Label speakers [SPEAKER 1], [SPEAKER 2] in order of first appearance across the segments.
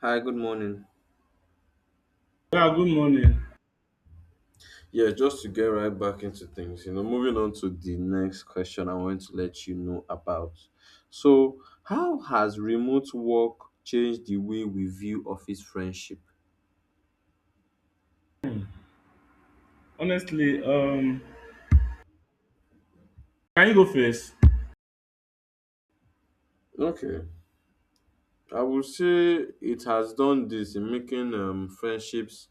[SPEAKER 1] Hi, good morning.
[SPEAKER 2] Yeah, good morning.
[SPEAKER 1] Yeah, just to get right back into things, you know, moving on to the next question I want to let you know about. So, how has remote work changed the way we view office friendship?
[SPEAKER 2] Hmm. Honestly, can you go first?
[SPEAKER 1] Okay, I would say it has done this in making friendships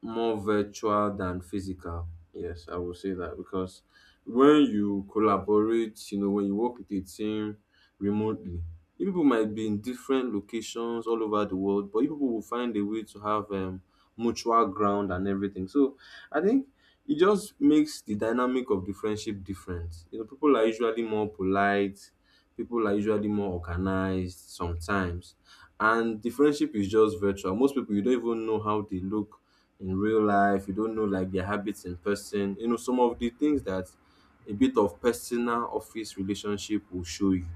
[SPEAKER 1] more virtual than physical. Yes, I will say that because when you collaborate, you know, when you work with a team remotely, you people might be in different locations all over the world, but you people will find a way to have mutual ground and everything. So I think it just makes the dynamic of the friendship different. You know, people are usually more polite, people are usually more organized sometimes, and the friendship is just virtual. Most people you don't even know how they look in real life. You don't know like their habits in person. You know some of the things that a bit of personal office relationship will show you.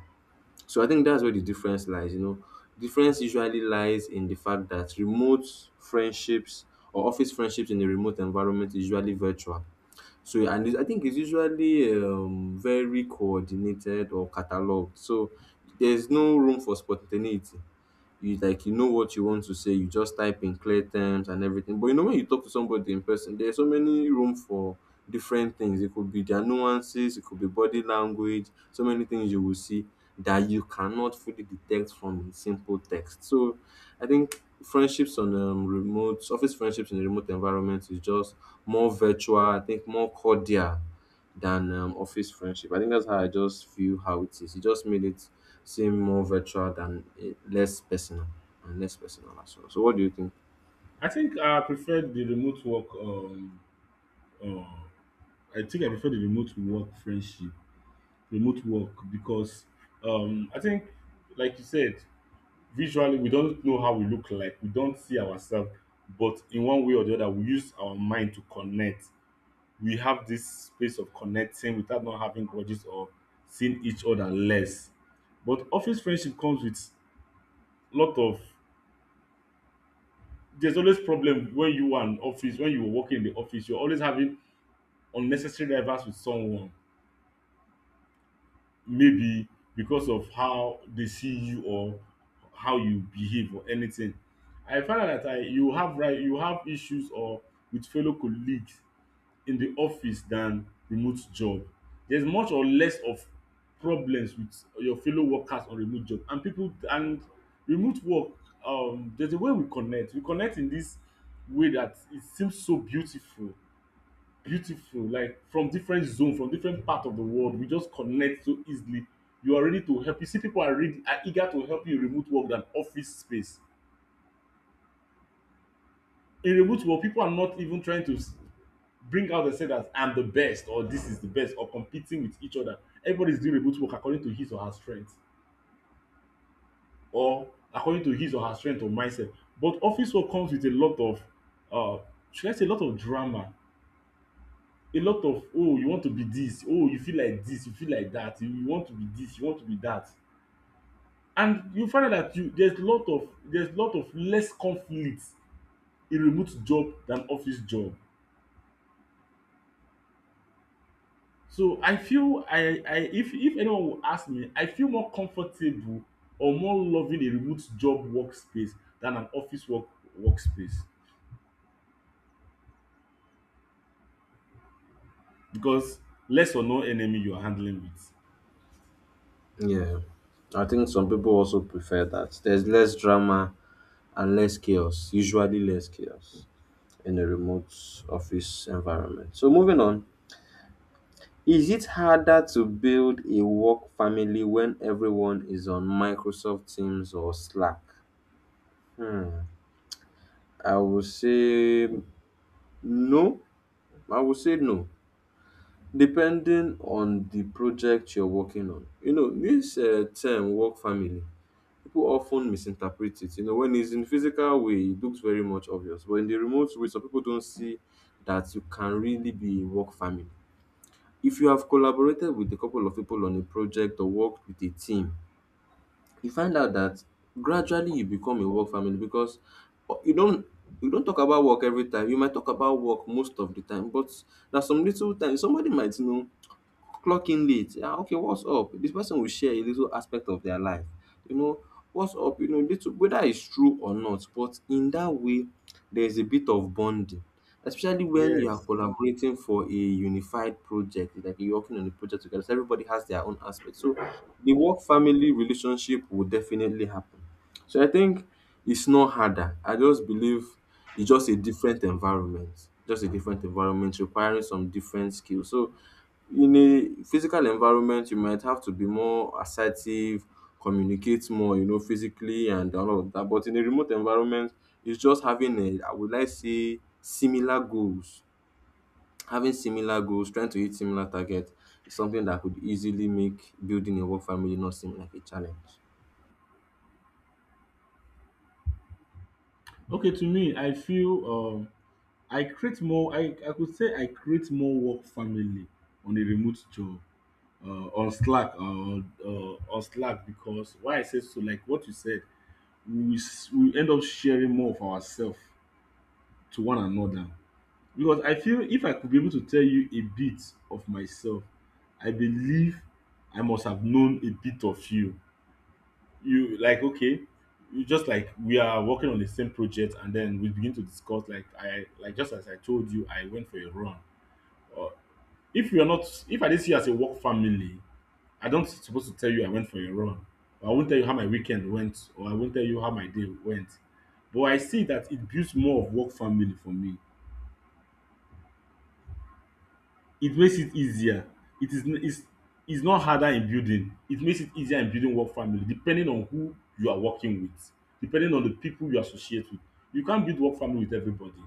[SPEAKER 1] So I think that's where the difference lies. You know, difference usually lies in the fact that remote friendships or office friendships in a remote environment is usually virtual so and I think it's usually very coordinated or cataloged. So there's no room for spontaneity, you like you know what you want to say, you just type in clear terms and everything. But you know when you talk to somebody in person, there's so many room for different things. It could be their nuances, it could be body language, so many things you will see that you cannot fully detect from a simple text. So I think friendships on remote office friendships in a remote environment is just more virtual, I think more cordial than office friendship. I think that's how I just feel how it is. It just made it seem more virtual than less personal and less personal as well. So what do you think?
[SPEAKER 2] I think I prefer the remote work. Uh, I think I prefer the remote work friendship, remote work because I think, like you said, visually we don't know how we look like, we don't see ourselves, but in one way or the other, we use our mind to connect. We have this space of connecting without not having grudges or seeing each other less. But office friendship comes with lot of, there's always problem when you are in office, when you're working in the office, you're always having unnecessary rivals with someone, maybe because of how they see you or how you behave or anything. I find out that I you have right, you have issues or with fellow colleagues in the office than remote job. There's much or less of problems with your fellow workers on remote job and people, and remote work, there's a way we connect. We connect in this way that it seems so beautiful, like from different zone, from different part of the world, we just connect so easily. You are ready to help, you see people are ready, are eager to help you in remote work than office space. In remote work, people are not even trying to bring out and say that I'm the best or this is the best or competing with each other. Everybody's doing remote work according to his or her strength, or according to his or her strength or mindset. But office work comes with a lot of, uh should I say a lot of drama, a lot of, oh, you want to be this, oh, you feel like this, you feel like that, you want to be this, you want to be that. And you find out that you there's a lot of, there's a lot of less conflict in remote job than office job. So I feel, I if anyone will ask me, I feel more comfortable or more loving a remote job workspace than an office work workspace, because less or no enemy you are handling with.
[SPEAKER 1] Yeah, I think some people also prefer that. There's less drama and less chaos. Usually less chaos in a remote office environment. So moving on. Is it harder to build a work family when everyone is on Microsoft Teams or Slack? I will say no. I will say no. Depending on the project you're working on, you know, this term work family, people often misinterpret it. You know, when it's in physical way, it looks very much obvious, but in the remote way, some people don't see that you can really be a work family. If you have collaborated with a couple of people on a project or worked with a team, you find out that gradually you become a work family because uh, you don't you don't talk about work every time. You might talk about work most of the time, but there's some little time somebody might know clock in late. Ah, okay, what's up? This person will share a little aspect of their life. You know, what's up? You know, little, whether it's true or not, but in that way, there's a bit of bonding, especially when you are
[SPEAKER 2] Yes.
[SPEAKER 1] collaborating for a unified project. It's like you're working on a project together. So everybody has their own aspect. So the work family relationship will definitely happen. So I think it's not harder. I just believe it's just a different environment, just a different environment requiring some different skills. So in a physical environment, you might have to be more assertive, communicate more, you know, physically and all of that. But in a remote environment, it's just having a, I would like say, similar goals. Having similar goals, trying to hit similar target is something that could easily make building a work family not seem like a challenge.
[SPEAKER 2] Okay, to me, I feel I create more, I could say I create more work family on a remote job. Uh, on Slack, uh, on Slack, because why I say so, like what you said, we we end up sharing more of ourselves to one another. Because I feel if I could be able to tell you a bit of myself, I believe I must have known a bit of you. You like okay, you just like we are working on the same project and then we begin to discuss, like I like, just as I told you I went for a run. Or if you're not, if I didn't see you as a work family, I don't supposed to tell you I went for a run. I won't tell you how my weekend went, or I won't tell you how my day went. But I see that it builds more of work family for me. It makes it easier. It is it's not harder in building. It makes it easier in building work family, depending on who you are working with, depending on the people you associate with. You can't build work family with everybody,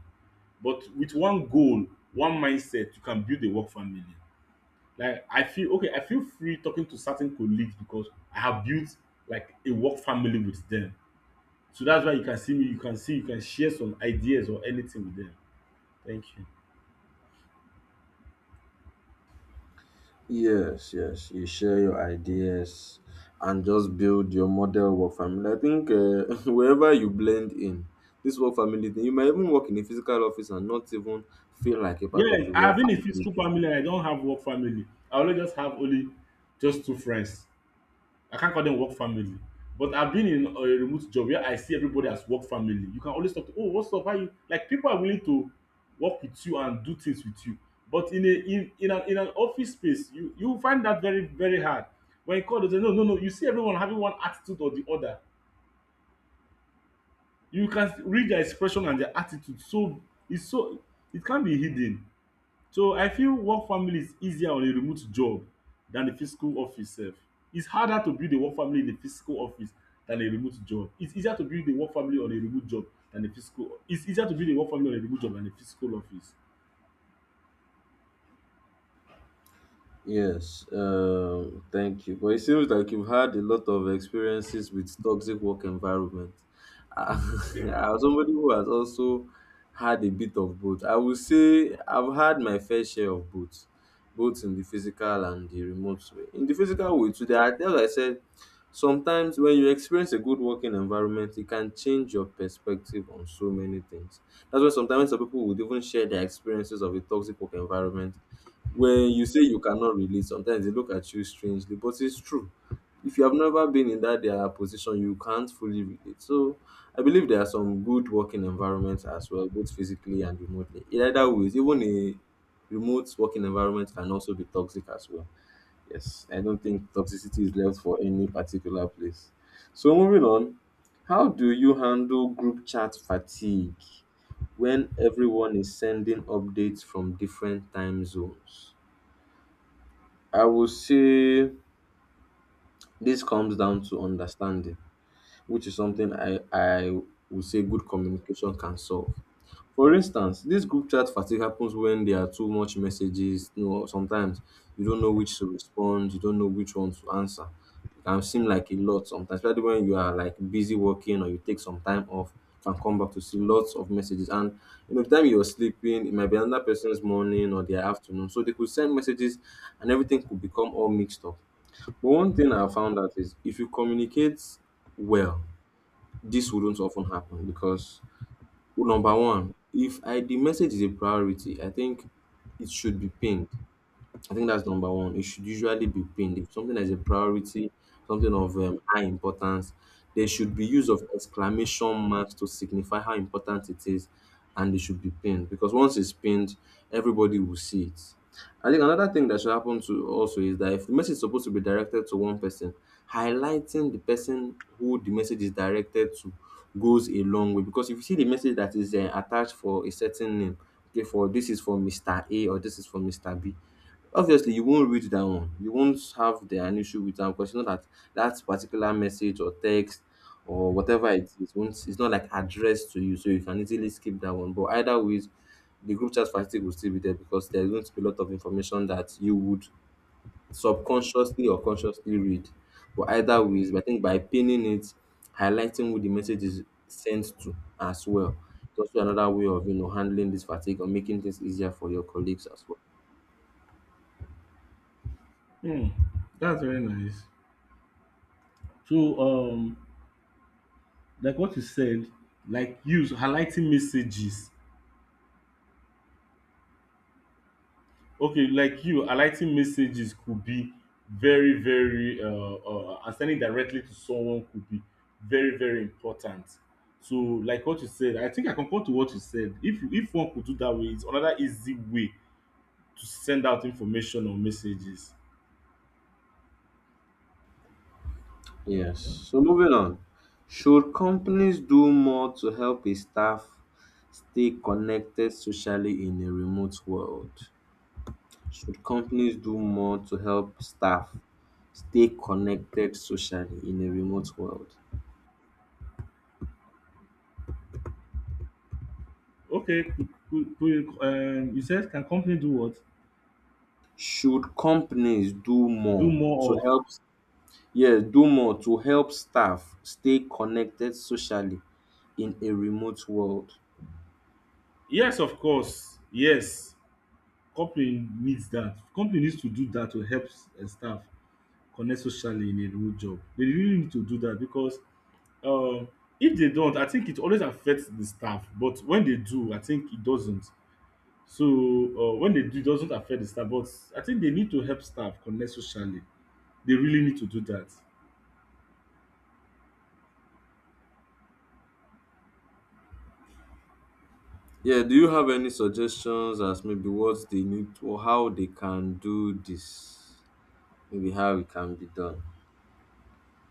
[SPEAKER 2] but with one goal, one mindset, you can build a work family. Like I feel, okay, I feel free talking to certain colleagues because I have built like a work family with them. So that's why you can see me, you can see, you can share some ideas or anything with them. Thank you.
[SPEAKER 1] Yes, yes. You share your ideas and just build your model work family. I think wherever you blend in this work family thing, you might even work in a physical office and not even feel like a part of
[SPEAKER 2] Yes,
[SPEAKER 1] the
[SPEAKER 2] I have
[SPEAKER 1] work
[SPEAKER 2] been in physical
[SPEAKER 1] family.
[SPEAKER 2] family and I don't have work family. I only just have only just two friends. I can't call them work family. But I've been in a remote job where I see everybody as work family. You can always talk to, oh, what's up? How you like? People are willing to work with you and do things with you. But in a in in an office space, you find that very very hard. When you call, they say no, no, no. You see everyone having one attitude or the other. You can read their expression and their attitude. So it's so it can be hidden. So I feel work family is easier on a remote job than a physical office sef. It's harder to build a work family in a physical office than a remote job. It's easier to build a work family on a remote job than a physical, it's easier to build a work family on a remote job than a physical office.
[SPEAKER 1] Yes, thank you. But it seems like you've had a lot of experiences with toxic work environment. As somebody who has also had a bit of both, I would say I've had my fair share of both, both in the physical and the remote way. In the physical way, today, I as I said, sometimes when you experience a good working environment, it can change your perspective on so many things. That's why sometimes some people would even share their experiences of a toxic work environment. When you say you cannot relate, sometimes they look at you strangely, but it's true. If you have never been in that their position, you can't fully relate. So I believe there are some good working environments as well, both physically and remotely. In either ways, even a remote working environment can also be toxic as well. Yes, I don't think toxicity is left for any particular place. So moving on, how do you handle group chat fatigue when everyone is sending updates from different time zones? I would say this comes down to understanding, which is something I would say good communication can solve. For instance, this group chat fatigue happens when there are too much messages. You know, sometimes you don't know which to respond, you don't know which one to answer. It can seem like a lot sometimes, especially when you are like busy working or you take some time off, you can come back to see lots of messages. And you know, the time you're sleeping, it might be another person's morning or their afternoon. So they could send messages and everything could become all mixed up. But one thing I found out is if you communicate well, this wouldn't often happen because number one, if I the message is a priority, I think it should be pinged. I think that's number one. It should usually be pinned. If something is a priority, something of high importance, there should be use of exclamation marks to signify how important it is, and it should be pinned because once it's pinned, everybody will see it. I think another thing that should happen to also is that if the message is supposed to be directed to one person, highlighting the person who the message is directed to goes a long way. Because if you see the message that is attached for a certain name, okay, for this is for Mr. A or this is for Mr. B, obviously you won't read that one, you won't have the an issue with that because you know that that particular message or text or whatever it is won't, it's not like addressed to you, so you can easily skip that one. But either ways, the group chat fatigue will still be there because there's going to be a lot of information that you would subconsciously or consciously read. But either ways, I think by pinning it, highlighting who the message is sent to as well. It's also another way of, you know, handling this fatigue or making things easier for your colleagues as well.
[SPEAKER 2] Hmm, that's very nice. So, like what you said, like use highlighting messages. Okay, like you, highlighting messages could be very, very, and sending directly to someone could be very, very important. So, like what you said, I think I concur to what you said. If one could do that way, it's another easy way to send out information or messages.
[SPEAKER 1] Yes. So moving on. Should companies do more to help a staff stay connected socially in a remote world? Should companies do more to help staff stay connected socially in a remote world?
[SPEAKER 2] Okay, could, you said can company do what?
[SPEAKER 1] Should companies do
[SPEAKER 2] Do
[SPEAKER 1] more
[SPEAKER 2] more
[SPEAKER 1] to
[SPEAKER 2] of,
[SPEAKER 1] help yes, do more to help staff stay connected socially in a remote world?
[SPEAKER 2] yes, of course, yes. Company needs that. Company needs to do that to help staff connect socially in a real job. They really need to do that, because um, if they don't, I think it always affects the staff. But when they do, I think it doesn't. So when they do, it doesn't affect the staff. But I think they need to help staff connect socially. They really need to do that.
[SPEAKER 1] Yeah, do you have any suggestions as maybe what they need to, or how they can do this? Maybe how it can be done.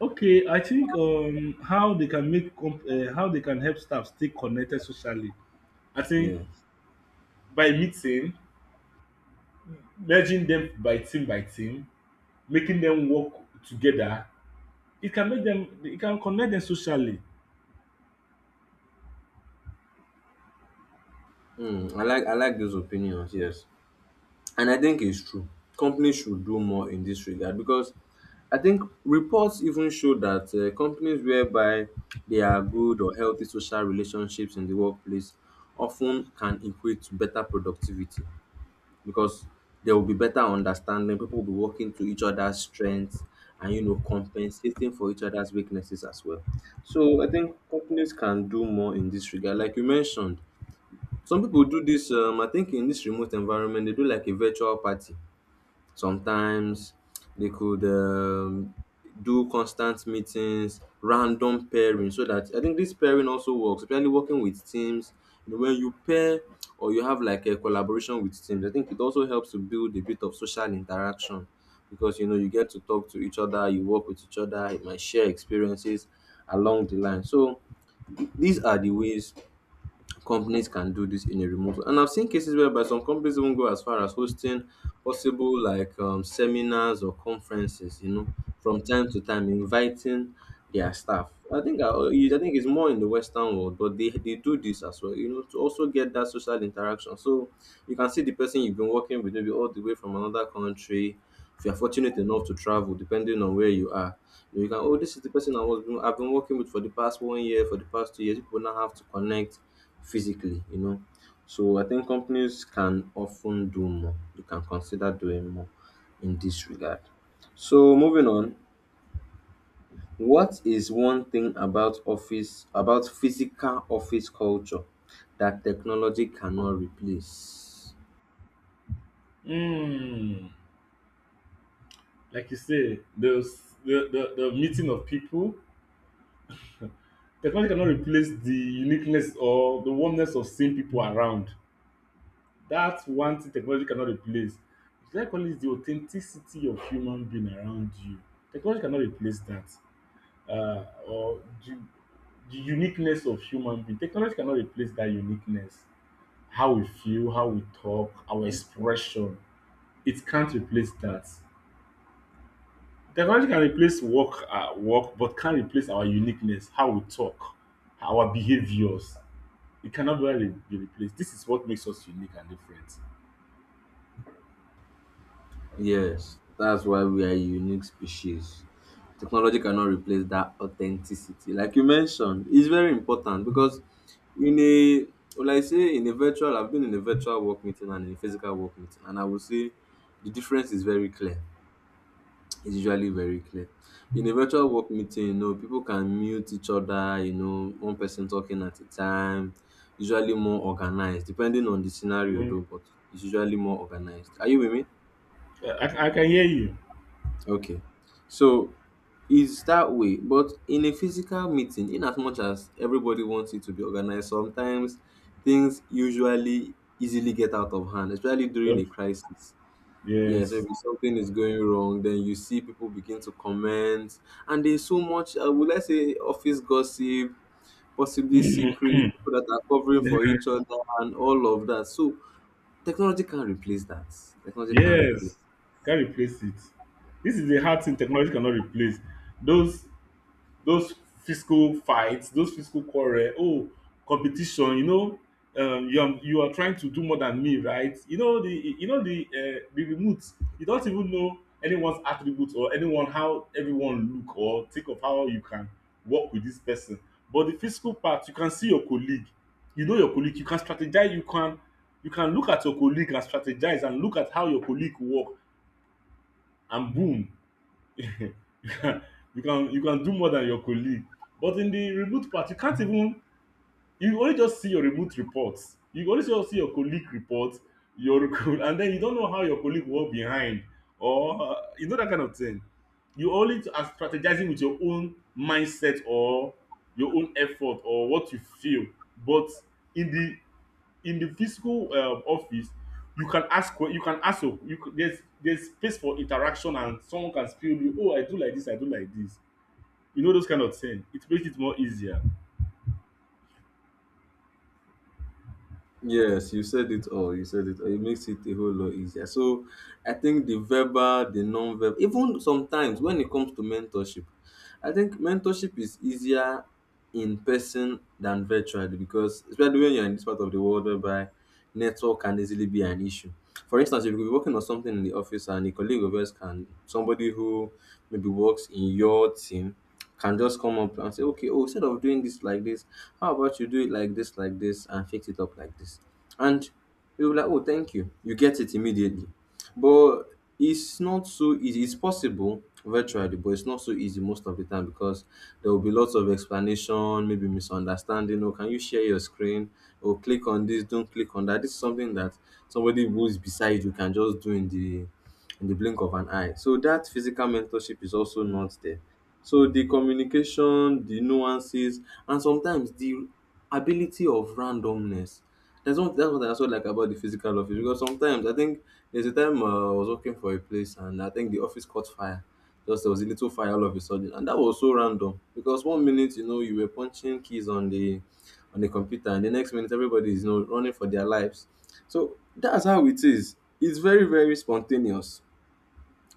[SPEAKER 2] Okay, I think how they can make how they can help staff stay connected socially. I think
[SPEAKER 1] Yeah.
[SPEAKER 2] by meeting, merging them by team, making them work together. It can make them. It can connect them socially.
[SPEAKER 1] Hmm. I like those opinions, yes. And I think it's true. Companies should do more in this regard because I think reports even show that companies whereby there are good or healthy social relationships in the workplace often can equate to better productivity. Because there will be better understanding. People will be working to each other's strengths and you know compensating for each other's weaknesses as well. So I think companies can do more in this regard. Like you mentioned, some people do this. I think in this remote environment, they do like a virtual party. Sometimes they could do constant meetings, random pairing, so that I think this pairing also works, especially working with teams. You know, when you pair or you have like a collaboration with teams, I think it also helps to build a bit of social interaction because you know you get to talk to each other, you work with each other, you might share experiences along the line. So these are the ways companies can do this in a remote. And I've seen cases whereby some companies even go as far as hosting possible like seminars or conferences, you know, from time to time, inviting their staff. I think I think it's more in the western world, but they do this as well, you know, to also get that social interaction. So you can see the person you've been working with maybe all the way from another country. If you're fortunate enough to travel, depending on where you are, you know, you can, oh, this is the person I've been working with for the past 1 year, for the past 2 years. People now have to connect physically, you know. So I think companies can often do more. They can consider doing more in this regard. So moving on, what is one thing about office, about physical office culture that technology cannot replace?
[SPEAKER 2] Mm, like you say, the, s- the meeting of people, technology cannot replace the uniqueness or the warmness of seeing people around. That's one thing technology cannot replace. Should I call it the authenticity of human being around you? Technology cannot replace that. Or the, uniqueness of human being. Technology cannot replace that uniqueness. How we feel, how we talk, our expression. It can't replace that. Technology can replace work, work, but can't replace our uniqueness, how we talk, our behaviors. It cannot really be replaced. This is what makes us unique and different.
[SPEAKER 1] Yes, that's why we are a unique species. Technology cannot replace that authenticity. Like you mentioned, it's very important because in a, well, I say in a virtual, I've been in a virtual work meeting and in a physical work meeting, and I will say the difference is very clear. It's usually very clear. In a virtual work meeting, people can mute each other, one person talking at a time, usually more organized, depending on the scenario
[SPEAKER 2] Mhm.
[SPEAKER 1] though, but it's usually more organized. Are you with me?
[SPEAKER 2] I can hear you.
[SPEAKER 1] Okay. So is that way, but in a physical meeting, in as much as everybody wants it to be organized, sometimes things usually easily get out of hand, especially during
[SPEAKER 2] Yep.
[SPEAKER 1] a crisis. Yes,
[SPEAKER 2] Yes.
[SPEAKER 1] maybe something is going wrong, then you see people begin to comment, and there's so much would I say office gossip, possibly
[SPEAKER 2] Mhm.
[SPEAKER 1] secret people that are covering for each other and all of that. So technology can replace that, technology can
[SPEAKER 2] Yes.
[SPEAKER 1] replace.
[SPEAKER 2] Can't replace it. This is the hard thing technology cannot replace. Those those physical fights, those physical quarrel, oh, competition, you know, you are trying to do more than me, right? You know the remote. You don't even know anyone's attributes or anyone how everyone look, or think of how you can work with this person. But the physical part, you can see your colleague. You know your colleague. You can strategize. You can, you can look at your colleague and strategize and look at how your colleague work, and boom, you can, you can do more than your colleague. But in the remote part, you can't even, you only just see your remote reports. You only just see your colleague report, your and then you don't know how your colleague walk behind, or you know that kind of thing. You only are strategizing with your own mindset, or your own effort or what you feel. But in the, physical office, you can ask, oh, there's space for interaction, and someone can spill you, oh, I do like this, I do like this. You know those kind of things, it makes it more easier.
[SPEAKER 1] Yes, you said it all. You said it all. It makes it a whole lot easier. So I think the verbal, the non-verbal, even sometimes when it comes to mentorship, I think mentorship is easier in person than virtually, because especially when you're in this part of the world whereby network can easily be an issue. For instance, if you're working on something in the office and a colleague of yours can somebody who maybe works in your team can just come up and say, okay, oh, instead of doing this like this, how about you do it like this, and fix it up like this? And you'll be like, oh, thank you. You get it immediately. But it's not so easy. It's possible virtually, but it's not so easy most of the time because there will be lots of explanation, maybe misunderstanding. Oh, can you share your screen? Or click on this, don't click on that. This is something that somebody who is beside you can just do in the blink of an eye. So that physical mentorship is also not there. So the communication, the nuances, and sometimes the ability of randomness. That's one. That's what I also like about the physical office, because sometimes I think there's a time I was working for a place and I think the office caught fire. Just there was a little fire all of a sudden, and that was so random because 1 minute, you know, you were punching keys on the computer, and the next minute everybody is, you know, running for their lives. So that's how it is. It's very, very spontaneous.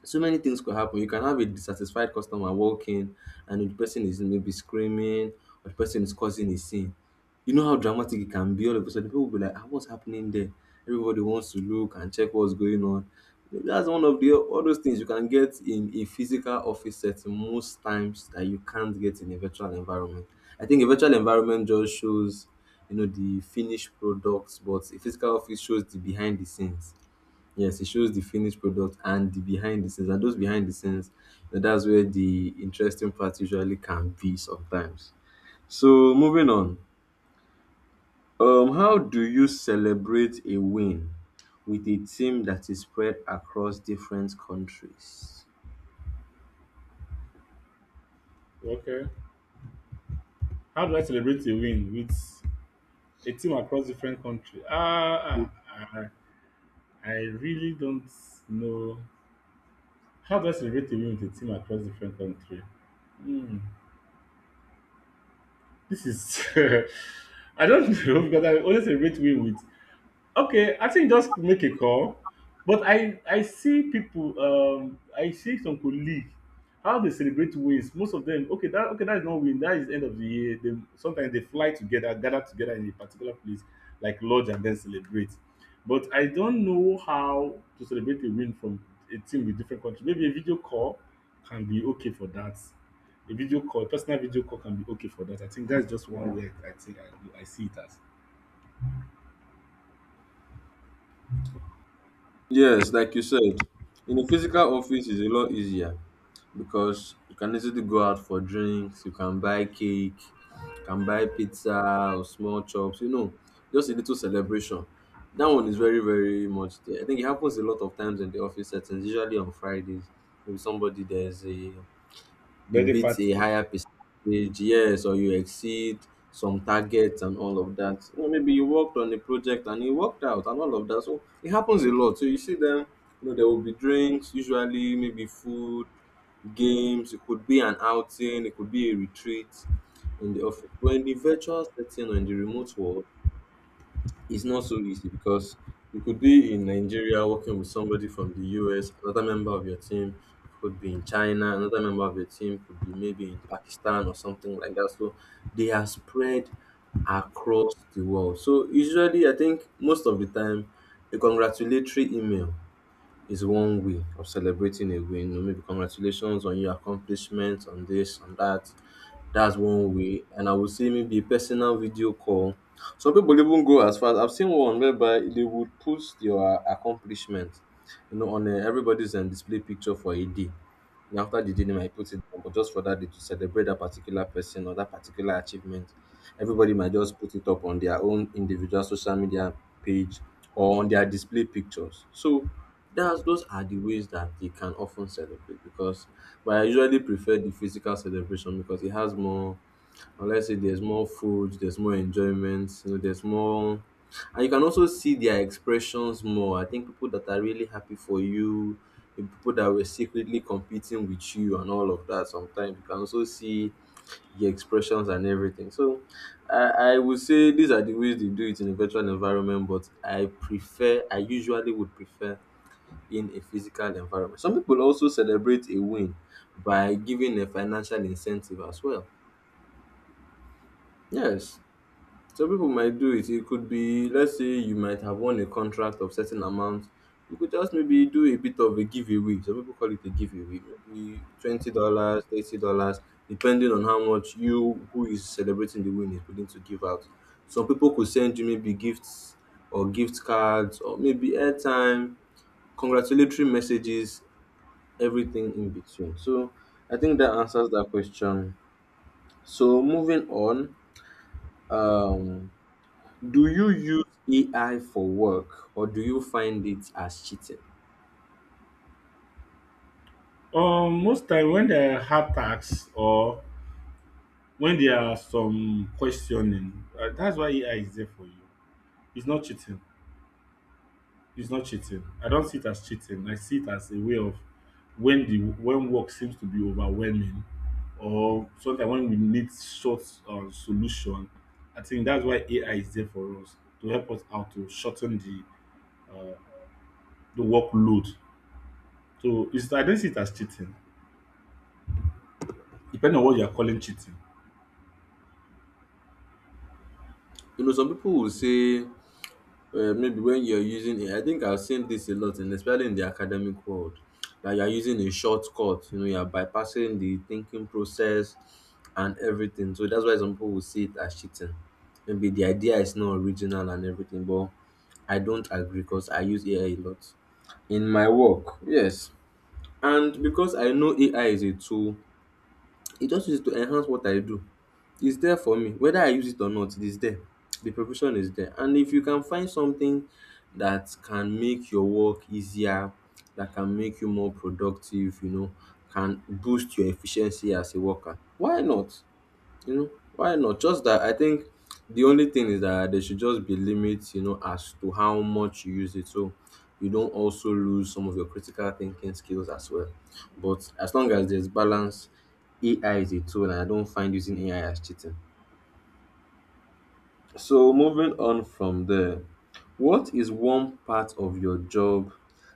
[SPEAKER 1] So many things could happen. You can have a dissatisfied customer walking, and the person is maybe screaming, or the person is causing a scene. You know how dramatic it can be. All of a sudden, people will be like, ah, what's happening there? Everybody wants to look and check what's going on. That's one of the all those things you can get in a physical office setting most times that you can't get in a virtual environment. I think a virtual environment just shows, you know, the finished products, but a physical office shows the behind the scenes. Yes, it shows the finished product and the behind the scenes. And those behind the scenes, eh, that's where the interesting part usually can be sometimes. So moving on, how do you celebrate a win with a team that is spread across different countries?
[SPEAKER 2] Okay, how do I celebrate a win with a team across different country? I really don't know. How do I celebrate a win with a team across different country? Hmm, this is I don't know, because I always celebrate win with. Okay, I think just make a call. But I see people, I see some colleague how they celebrate wins. Most of them, okay, that, okay, that is not win, that is end of the year. They sometimes they fly together, gather together in a particular place like lodge, and then celebrate. But I don't know how to celebrate a win from a team with different countries. Maybe a video call can be okay for that. A video call, a personal video call can be okay for that. I think that's just one way. I think I see it as
[SPEAKER 1] Yes, like you said, in a physical office is a lot easier, because you can easily go out for drinks, you can buy cake, you can buy pizza or small chops, you know, just a little celebration. That one is very, very much there. I think it happens a lot of times in the office settings, usually on Fridays. Maybe somebody, there's a, you
[SPEAKER 2] birthday
[SPEAKER 1] beat a
[SPEAKER 2] party.
[SPEAKER 1] higher percentage, yes, or you exceed some targets and all of that. Or maybe you worked on a project and you worked out and all of that. So it happens a lot. So you see them, you know, there will be drinks, usually maybe food, games, it could be an outing, it could be a retreat in the office. But in the virtual setting or in the remote world, it's not so easy because you could be in Nigeria working with somebody from the US, another member of your team could be in China, another member of your team could be maybe in Pakistan or something like that. So they are spread across the world. So usually I think most of the time a congratulatory email is one way of celebrating a win. You know, maybe congratulations on your accomplishment, on this, on that. That's one way. And I would say maybe a personal video call. Some people even go as far as I've seen one whereby they would put your accomplishment, you know, on a, everybody's display picture for a day. And after the day, they might put it down, but just for that day to celebrate that particular person or that particular achievement. Everybody might just put it up on their own individual social media page or on their display pictures. So that's those are the ways that they can often celebrate. Because, but I usually prefer the physical celebration, because it has more, or let's say there's more food, there's more enjoyment, you know, there's more. And you can also see their expressions more. I think people that are really happy for you, the people that were secretly competing with you and all of that, sometimes you can also see your expressions and everything. So I would say these are the ways they do it in a virtual environment, but I prefer, I usually would prefer in a physical environment. Some people also celebrate a win by giving a financial incentive as well. Yes, some people might do it. It could be, let's say, you might have won a contract of certain amount. You could just maybe do a bit of a giveaway. Some people call it a giveaway, maybe $20, $30, depending on how much you who is celebrating the win is willing to give out. Some people could send you maybe gifts or gift cards or maybe airtime, congratulatory messages, everything in between. So I think that answers that question. So moving on, um do you use AI for work, or do you find it as cheating?
[SPEAKER 2] Most time when there hard task, or when there are some questioning, that's why AI is there for you. It's not cheating. It's not cheating. I don't see it as cheating. I see it as a way of when work seems to be overwhelming, or sometimes when we need short solution. I think that's why AI is there for us to help us out to shorten uh, the workload. So I don't see it as cheating. Depending on what you are calling cheating,
[SPEAKER 1] You know, some people will say maybe when you're using it, I think I've seen this a lot, and especially in the academic world, that you're using a shortcut, you know, you're bypassing the thinking process and everything. So that's why some people will see it as cheating. Maybe the idea is not original and everything, but I don't agree because I use AI a lot in my work. Yes. And because I know AI is a tool, it just is to enhance what I do. It's there for me. Whether I use it or not, it is there. The preparation is there. And if you can find something that can make your work easier, that can make you more productive, you know, can boost your efficiency as a worker, why not? You know, why not? Just that I think the only thing is that there should just be limits, you know, as to how much you use it. So you don't also lose some of your critical thinking skills as well. But as long as there's balance, AI is a tool, and I don't find using AI as cheating. So, moving on from there, what is one part of your job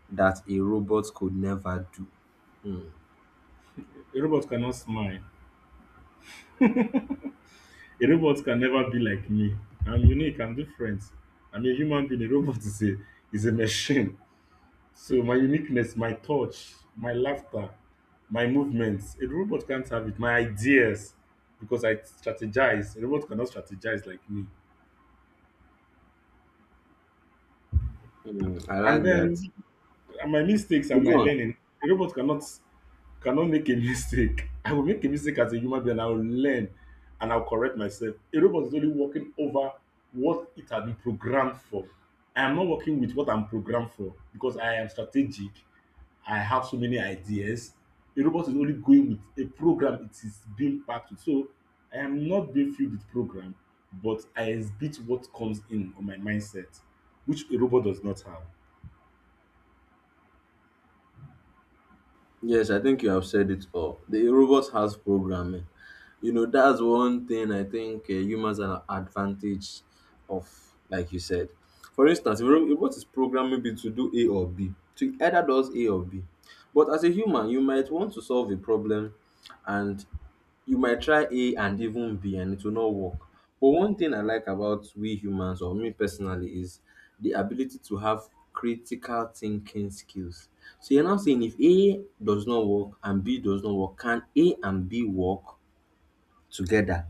[SPEAKER 1] that a robot could never do?
[SPEAKER 2] a robot cannot smile. A robot can never be like me. I'm unique. I'm different. I'm a human being. A robot is a machine. So my uniqueness, my touch, my laughter, my movements. A robot can't have it. My ideas, because I strategize. A robot cannot strategize like me.
[SPEAKER 1] Hmm, I
[SPEAKER 2] And
[SPEAKER 1] like that.
[SPEAKER 2] then and my mistakes and my
[SPEAKER 1] Go on.
[SPEAKER 2] learning. A robot cannot make a mistake. I will make a mistake as a human being. I will learn and I'll correct myself. A robot is only working over what it has been programmed for. I am not working with what I'm programmed for because I am strategic. I have so many ideas. A robot is only going with a program it is being packed with. So I am not being filled with program, but I exhibit what comes in on my mindset, which a robot does not have.
[SPEAKER 1] Yes, I think you have said it all. The robot has programming. You know, that's one thing I think humans are advantage of, like you said. For instance, if a robot is programmed maybe to do A or B, to either does A or B. But as a human, you might want to solve a problem and you might try A and even B and it will not work. But one thing I like about we humans or me personally is the ability to have critical thinking skills. So you're now saying if A does not work and B does not work, can A and B work together?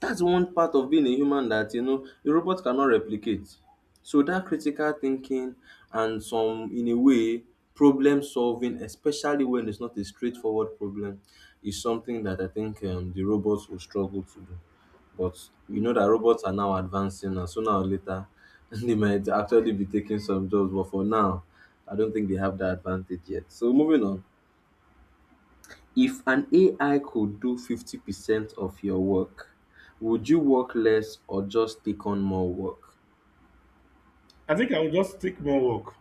[SPEAKER 1] That's one part of being a human that you know a robot cannot replicate. So that critical thinking and some in a way problem solving, especially when it's not a straightforward problem, is something that I think the robots will struggle to do. But you know that robots are now advancing, and sooner or later they might actually be taking some jobs. But for now, I don't think they have that advantage yet. So moving on. If an AI could do 50% of your work, would you work less or just take on more work?
[SPEAKER 2] I think I will just take more work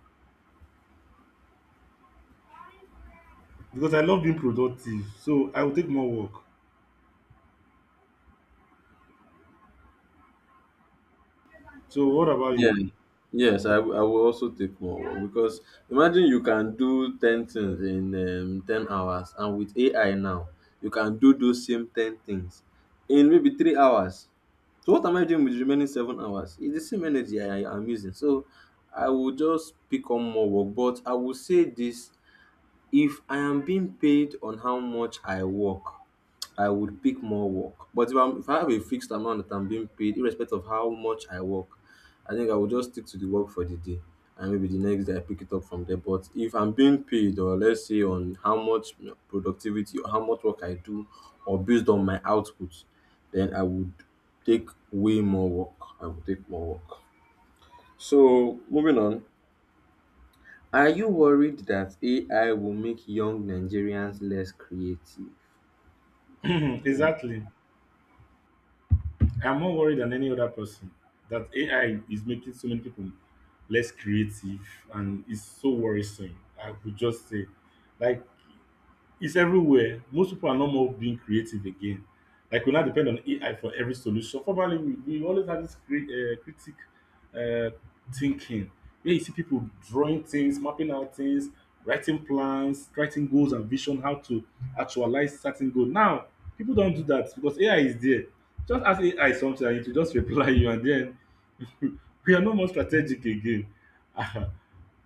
[SPEAKER 2] because I love being productive. So I will take more work. So what about
[SPEAKER 1] Yeah.
[SPEAKER 2] you?
[SPEAKER 1] Yes, I will also take more work because imagine you can do 10 things in 10 hours, and with AI now, you can do those same 10 things in maybe 3 hours. So, what am I doing with the remaining 7 hours? It's the same energy am using. So, I will just pick on more work, but I will say this. If I am being paid on how much I work, I would pick more work. But if I have a fixed amount that I'm being paid, irrespective of how much I work, I think I will just stick to the work for the day. And maybe the next day I pick it up from there. But if I'm being paid, or let's say on how much productivity or how much work I do, or based on my output, then I would take way more work. I would take more work. So moving on, are you worried that AI will make young Nigerians less creative? Mm.
[SPEAKER 2] Exactly. I'm more worried than any other person that AI is making so many people less creative and it's so worrisome. I would just say, like, it's everywhere. Most people are no more being creative again. Like we now depend on AI for every solution. Formerly, we always had this critic uh, thinking where you see people drawing things, mapping out things, writing plans, writing goals and vision, how to actualize certain goal. Now, people don't do that because AI is there. Just ask AI something and it will just reply you, and then we are no more strategic again.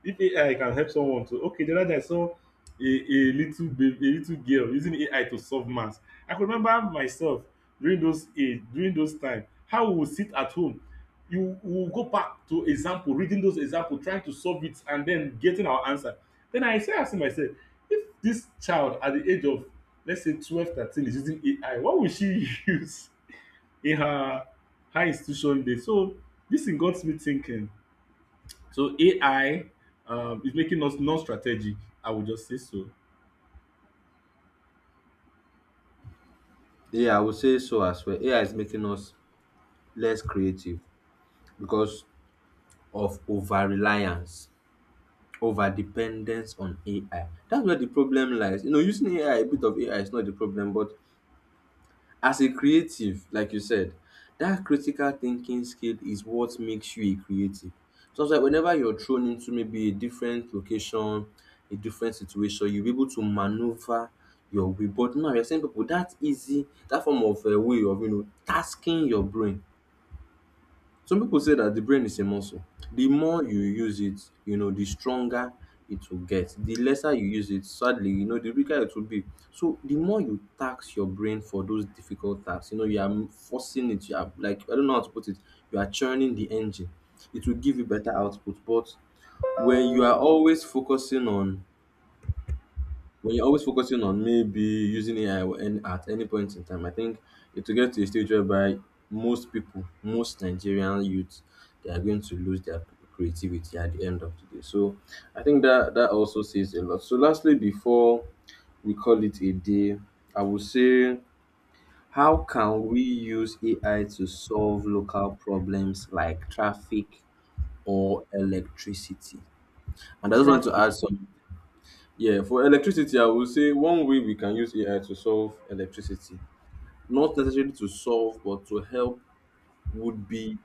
[SPEAKER 2] If AI can help someone to okay, the other day I saw a little baby, a little girl using AI to solve maths. I could remember myself during those age, during those time, how we would sit at home. You we will go back to example, reading those example, trying to solve it, and then getting our answer. Then I started asking myself, if this child at the age of, let's say, 12, 13 is using AI, what will she use in her high institution day? So this thing got me thinking, so AI is making us non-strategic. I would just say so.
[SPEAKER 1] Yeah, I would say so as well. AI is making us less creative because of over reliance, over dependence on AI. That's where the problem lies. You know, using AI, a bit of AI is not the problem. But as a creative, like you said, that critical thinking skill is what makes you a creative. So it's like whenever you're thrown into maybe a different location, a different situation, you'll be able to maneuver your way. But now you're saying people that easy, that form of a way of tasking your brain, some people say that the brain is a muscle. The more you use it, you know, the stronger it will get. The lesser you use it, sadly, you know, the weaker it will be. So the more you tax your brain for those difficult tasks, you know, you are forcing it. You are like, I don't know how to put it. You are churning the engine. It will give you better output. But when you are always focusing on when you're always focusing on maybe using AI or any- at any point in time, I think it will get to a stage whereby most people, most Nigerian youth, they are going to lose their creativity at the end of the day. So I think that also says a lot. So lastly, before we call it a day, I would say, how can we use AI to solve local problems like traffic or electricity? And I just want to
[SPEAKER 2] Traffic.
[SPEAKER 1] add some. Yeah, for electricity, I would say one way we can use AI to solve electricity, not necessarily to solve, but to help, would be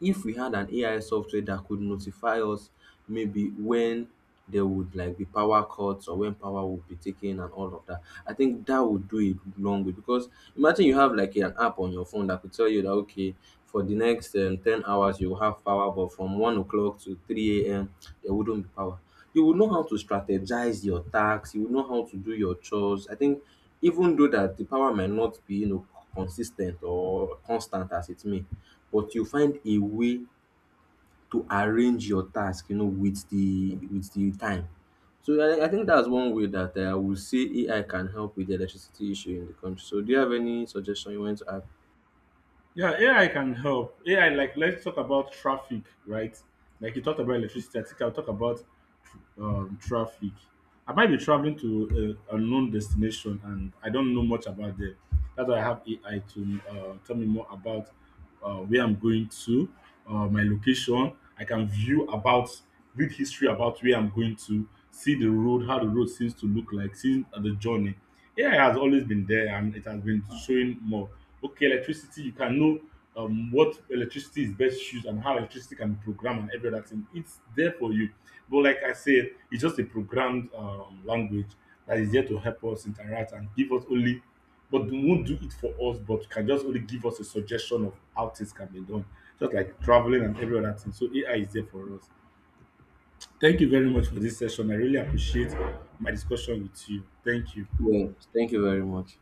[SPEAKER 1] if we had an AI software that could notify us maybe when there would like be power cuts or when power would be taken and all of that. I think that would do it long way because imagine you have like an app on your phone that could tell you that okay, for the next 10 hours you will have power, but from 1 o'clock to 3 a.m there wouldn't be power. You would know how to strategize your tasks, you would know how to do your chores. I think even though that the power might not be, you know, consistent or constant as it may, but you find a way to arrange your task, you know, with the time. So I think that's one way that I would say AI can help with the electricity issue in the country. So do you have any suggestion you want to add?
[SPEAKER 2] Yeah, AI can help. AI, like let's talk about traffic, right? Like you talked about electricity, I think I'll talk about traffic. I might be traveling to a unknown destination and I don't know much about them. That's why I have AI to tell me more about where I'm going to, my location. I can view about, read history about where I'm going to, see the road, how the road seems to look like, seeing the journey. AI has always been there and it has been showing more. Okay, electricity, you can know what electricity is best used and how electricity can be programmed and every other thing. It's there for you. But like I said, it's just a programmed language that is there to help us interact and give us only, but won't do it for us, but can just only give us a suggestion of how things can be done, just like traveling and every other thing. So AI is there for us. Thank you very much for this session. I really appreciate my discussion with you. Thank you.
[SPEAKER 1] Well, thank you very much.